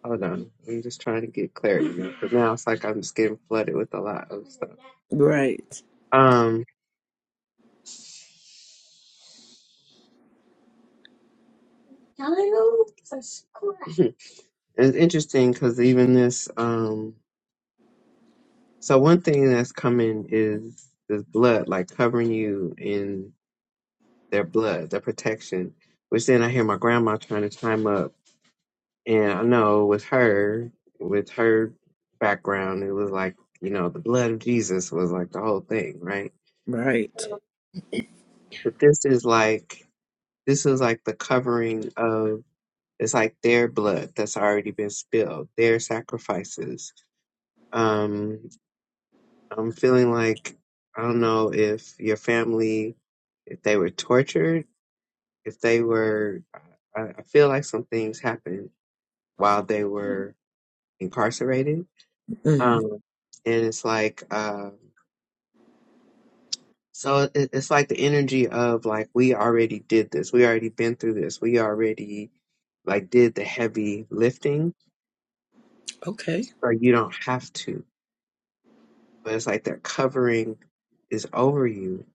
Speaker 1: Hold on. I'm just trying to get clarity because now it's like I'm just getting flooded with a lot of stuff.
Speaker 2: right,
Speaker 1: Um, it's interesting because even this, um, so one thing that's coming is this blood, like covering you in their blood, their protection, which then I hear my grandma trying to chime up. And I know with her, with her background, it was like, you know, the blood of Jesus was like the whole thing, right?
Speaker 2: right.
Speaker 1: But this is like, this is like the covering of It's like their blood that's already been spilled, their sacrifices. Um, I'm feeling like I don't know if your family, if they were tortured, if they were, I, I feel like some things happened while they were incarcerated.
Speaker 2: Mm,
Speaker 1: Um, and it's like, uh, so it, it's like the energy of like, we already did this. We already been through this. We already like did the heavy lifting.
Speaker 2: okay.
Speaker 1: So you don't have to. but it's like their covering is over you.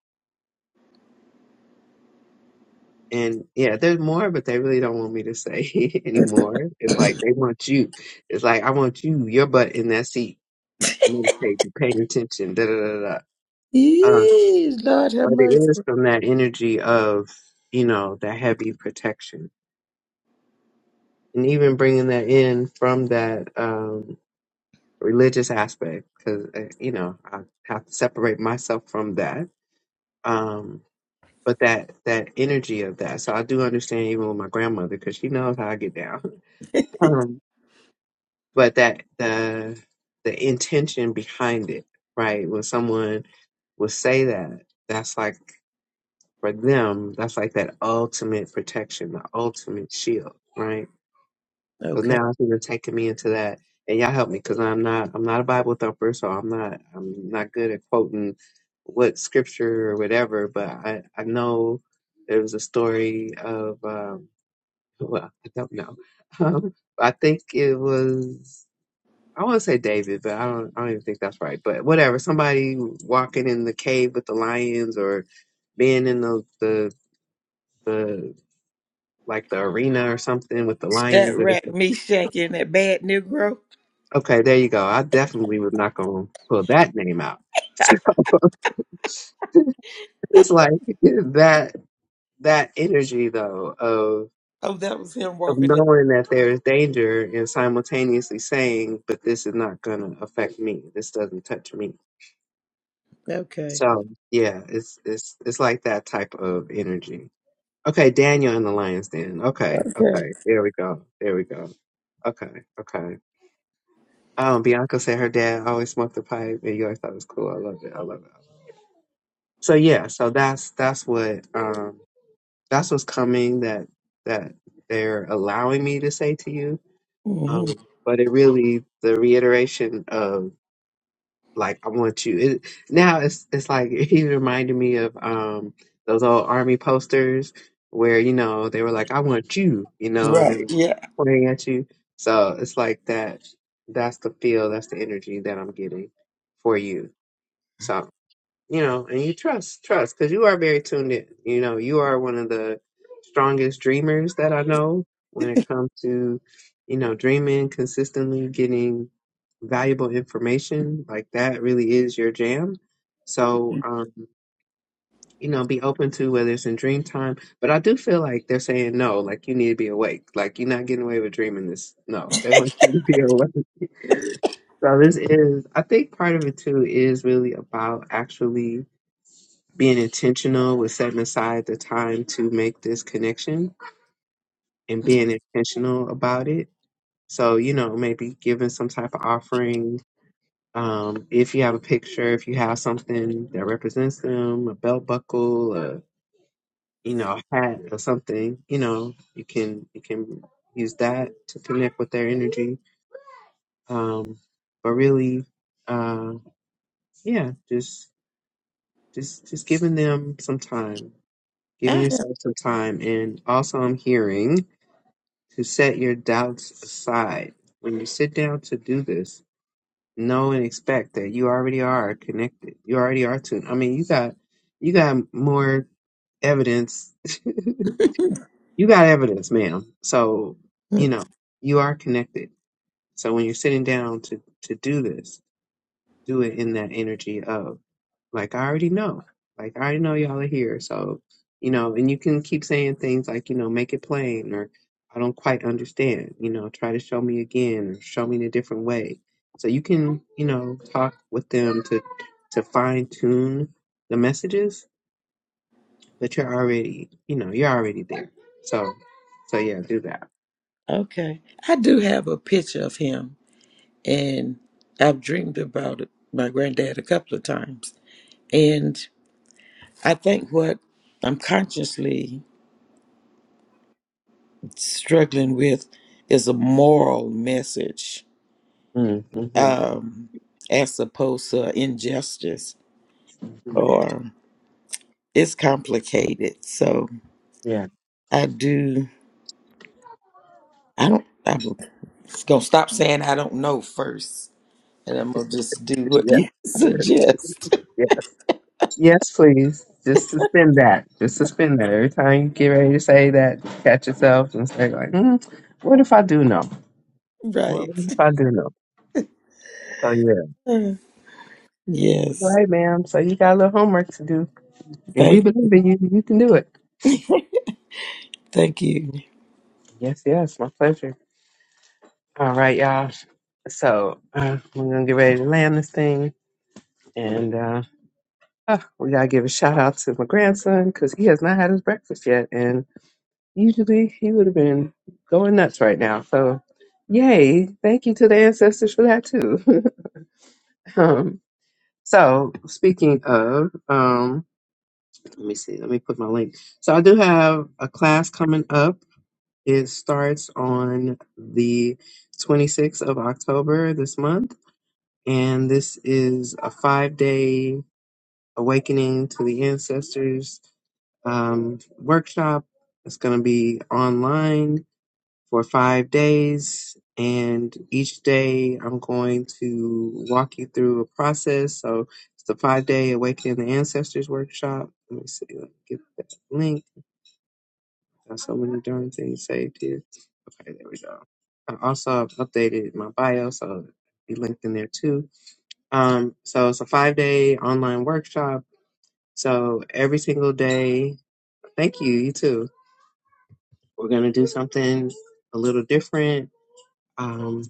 Speaker 1: And yeah, there's more, but they really don't want me to say anymore. It's like they want you. It's like I want you, your butt in that seat, meditating, paying attention, da da da da. Um,
Speaker 2: Yee, Lord have
Speaker 1: but it
Speaker 2: mercy.
Speaker 1: is from that energy of you know that heavy protection, and even bringing that in from that um, religious aspect, because uh, you know I have to separate myself from that. Um, but that that energy of that. So I do understand even with my grandmother because she knows how I get down. Um, but that the the intention behind it, right? When someone will say that, that's like for them, that's like that ultimate protection, the ultimate shield, right? So
Speaker 2: Okay.
Speaker 1: now she was taking me into that, and y'all help me because I'm not I'm not a Bible thumper, so I'm not I'm not good at quoting what scripture or whatever. But I I know there was a story of um, well I don't know. Um, I think it was I want to say David, but I don't I don't even think that's right. But whatever, somebody walking in the cave with the lions or being in the the the like the arena or something with the
Speaker 2: That
Speaker 1: lions.
Speaker 2: rat Meshach and that bad Negro.
Speaker 1: Okay, there you go. I definitely was not going to pull that name out. So it's like that that energy though of
Speaker 2: Oh, that was him
Speaker 1: of
Speaker 2: walking in.
Speaker 1: knowing that there is danger and simultaneously saying, "But this is not going to affect me. This doesn't touch me."
Speaker 2: Okay.
Speaker 1: So yeah, it's it's it's like that type of energy. Okay, Daniel and the Lions Den. Okay,
Speaker 2: Okay.
Speaker 1: okay, there we go, there we go. Okay, okay. Um, Bianca said her dad always smoked a pipe, and you always thought it was cool. I love it. I love it. so yeah, so that's that's what um that's what's coming that that they're allowing me to say to you.
Speaker 2: hmm
Speaker 1: Um, but it really the reiteration of like I want you. It, now it's it's like he reminded me of um those old army posters where you know they were like I want you, you know, and they
Speaker 2: Right.
Speaker 1: were
Speaker 2: Yeah.
Speaker 1: pointing at you. So it's like that. That's the feel. That's the energy that I'm getting for you. So you know, and you trust, trust, because you are very tuned in. You know, you are one of the strongest dreamers that I know when it comes to, you know, dreaming consistently, getting valuable information. Like that really is your jam. So, um, you know, be open to whether it's in dream time. But I do feel like they're saying no, like you need to be awake. Like you're not getting away with dreaming this. No, they want you to be awake. So this is, I think part of it too is really about actually being intentional with setting aside the time to make this connection and being intentional about it. So, you know, maybe giving some type of offering. Um, if you have a picture, if you have something that represents them, a belt buckle, a you know, a hat or something, you know, you can you can use that to connect with their energy. Um, but really, uh, yeah, just just just giving them some time
Speaker 2: I
Speaker 1: Giving
Speaker 2: have,
Speaker 1: yourself some time. And also, I'm hearing to set your doubts aside. When you sit down to do this, know and expect that you already are connected. You already are tuned. I mean, you got you got more evidence. You got evidence, ma'am. So
Speaker 2: Hmm,
Speaker 1: you know you are connected. So when you're sitting down to to do this, do it in that energy of. Like I already know. Like I already know y'all are here. So, you know, and you can keep saying things like, you know, make it plain or I don't quite understand, you know, try to show me again or show me in a different way. So you can, you know, talk with them to to fine tune the messages, but you're already, you know, you're already there. So so yeah, do that.
Speaker 2: okay. I do have a picture of him, and I've dreamed about it, my granddad a couple of times. And I think what I'm consciously struggling with is a moral message
Speaker 1: Mm-hmm.
Speaker 2: um, as opposed to injustice or it's complicated. So
Speaker 1: Yeah.
Speaker 2: I do, I don't, I'm going to stop saying I don't know first and I'm going to just do
Speaker 1: But
Speaker 2: what
Speaker 1: you-
Speaker 2: you suggest.
Speaker 1: yeah. Yes, please. Just suspend that. Just suspend that. Every time you get ready to say that, catch yourself and say like, mm, "What if I do know? What
Speaker 2: Right.
Speaker 1: if I do know?" So yeah,
Speaker 2: Uh,
Speaker 1: That's
Speaker 2: Yes.
Speaker 1: right, ma'am. So you got a little homework to do, and we
Speaker 2: Thank,
Speaker 1: believe in you. You can do it.
Speaker 2: thank you.
Speaker 1: Yes, yes, my pleasure. All right, y'all. So uh, we're gonna get ready to land this thing, and uh, oh, we gotta give a shout out to my grandson because he has not had his breakfast yet, Usually he would have been going nuts right now. So, yay. Thank you to the ancestors for that, too. um, so, speaking of, um, let me see, let me put my link. So, I do have a class coming up. It starts on the 26th of October this month. And this is a five day awakening to the ancestors um, workshop. It's going to be online for five days. And each day I'm going to walk you through a process. So it's the five day Awakening the Ancestors workshop. Let me see, let me get that link. Got so many darn things saved here. Okay, there we go. I also have updated my bio, so it'll be linked in there too. Um, so it's a five day online workshop. So every single day, thank you, you too. We're going to do something a little different. Um,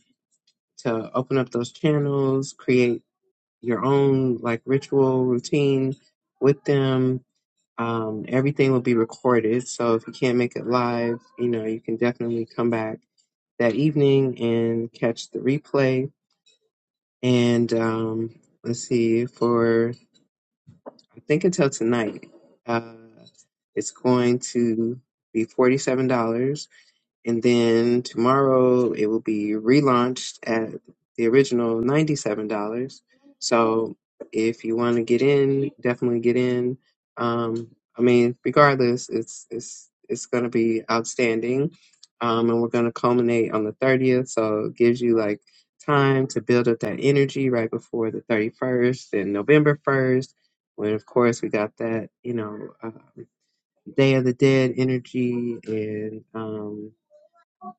Speaker 1: to open up those channels, create your own like ritual routine with them. Um, everything will be recorded. So if you can't make it live, you know, you can definitely come back that evening and catch the replay. And um, let's see, for I think until tonight, uh, it's going to be $47. And then tomorrow it will be relaunched at the original $97. So if you want to get in, definitely get in. Um, I mean, regardless, it's it's it's going to be outstanding. Um, and we're going to culminate on the 30th. So it gives you like time to build up that energy right before the 31st and November 1st. When, of course, we got that, you know, uh, Day of the Dead energy and, um,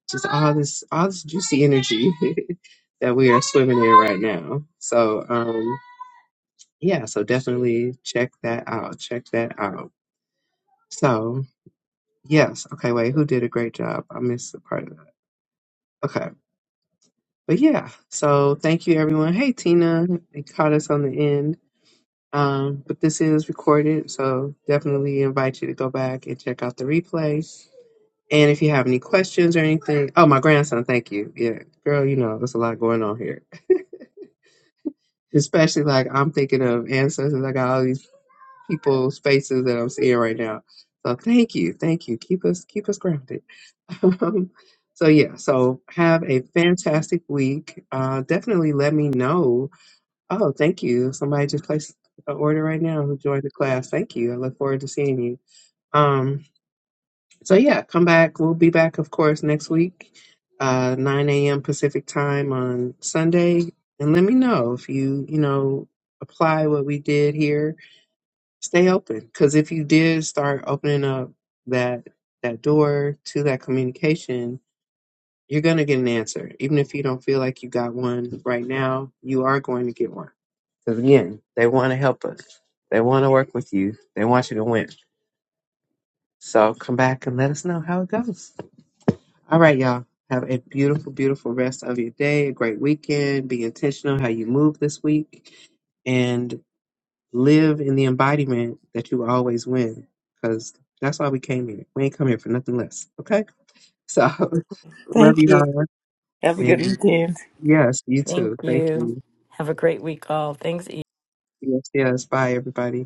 Speaker 1: just all this all this juicy energy that we are swimming in right now. So um yeah, so definitely check that out. Check that out. So yes, okay, wait, who did a great job? I missed the part of that. Okay. But yeah, so thank you everyone. Hey Tina, they caught us on the end. Um, but this is recorded, so definitely invite you to go back and check out the replay. And if you have any questions or anything, oh my grandson, thank you. Yeah, girl, you know, there's a lot going on here. especially like I'm thinking of ancestors. I got all these people's faces that I'm seeing right now. So thank you, thank you. Keep us keep us grounded. Um, so yeah, so have a fantastic week. Uh, definitely let me know. Oh, thank you. Somebody just placed an order right now who joined the class. Thank you. I look forward to seeing you. Um, so yeah, come back. We'll be back, of course, next week, uh, 9 a.m. Pacific time on Sunday. And let me know if you, you know, apply what we did here. Stay open, because if you did start opening up that that door to that communication, you're gonna get an answer. Even if you don't feel like you got one right now, you are going to get one. Because again, they want to help us. They want to work with you. They want you to win. So come back and let us know how it goes. All right, y'all. Have a beautiful, beautiful rest of your day, a great weekend. Be intentional how you move this week and live in the embodiment that you always win because that's why we came here. We ain't come here for nothing less. Okay? So, love
Speaker 2: Thank
Speaker 1: you
Speaker 2: you.
Speaker 1: all.
Speaker 2: Have a good
Speaker 1: And
Speaker 2: weekend.
Speaker 1: yes, you
Speaker 5: Thank
Speaker 1: too. Thank
Speaker 5: you.
Speaker 1: you.
Speaker 5: Have a great week, all. Thanks,
Speaker 1: Yes, yes. Bye, everybody.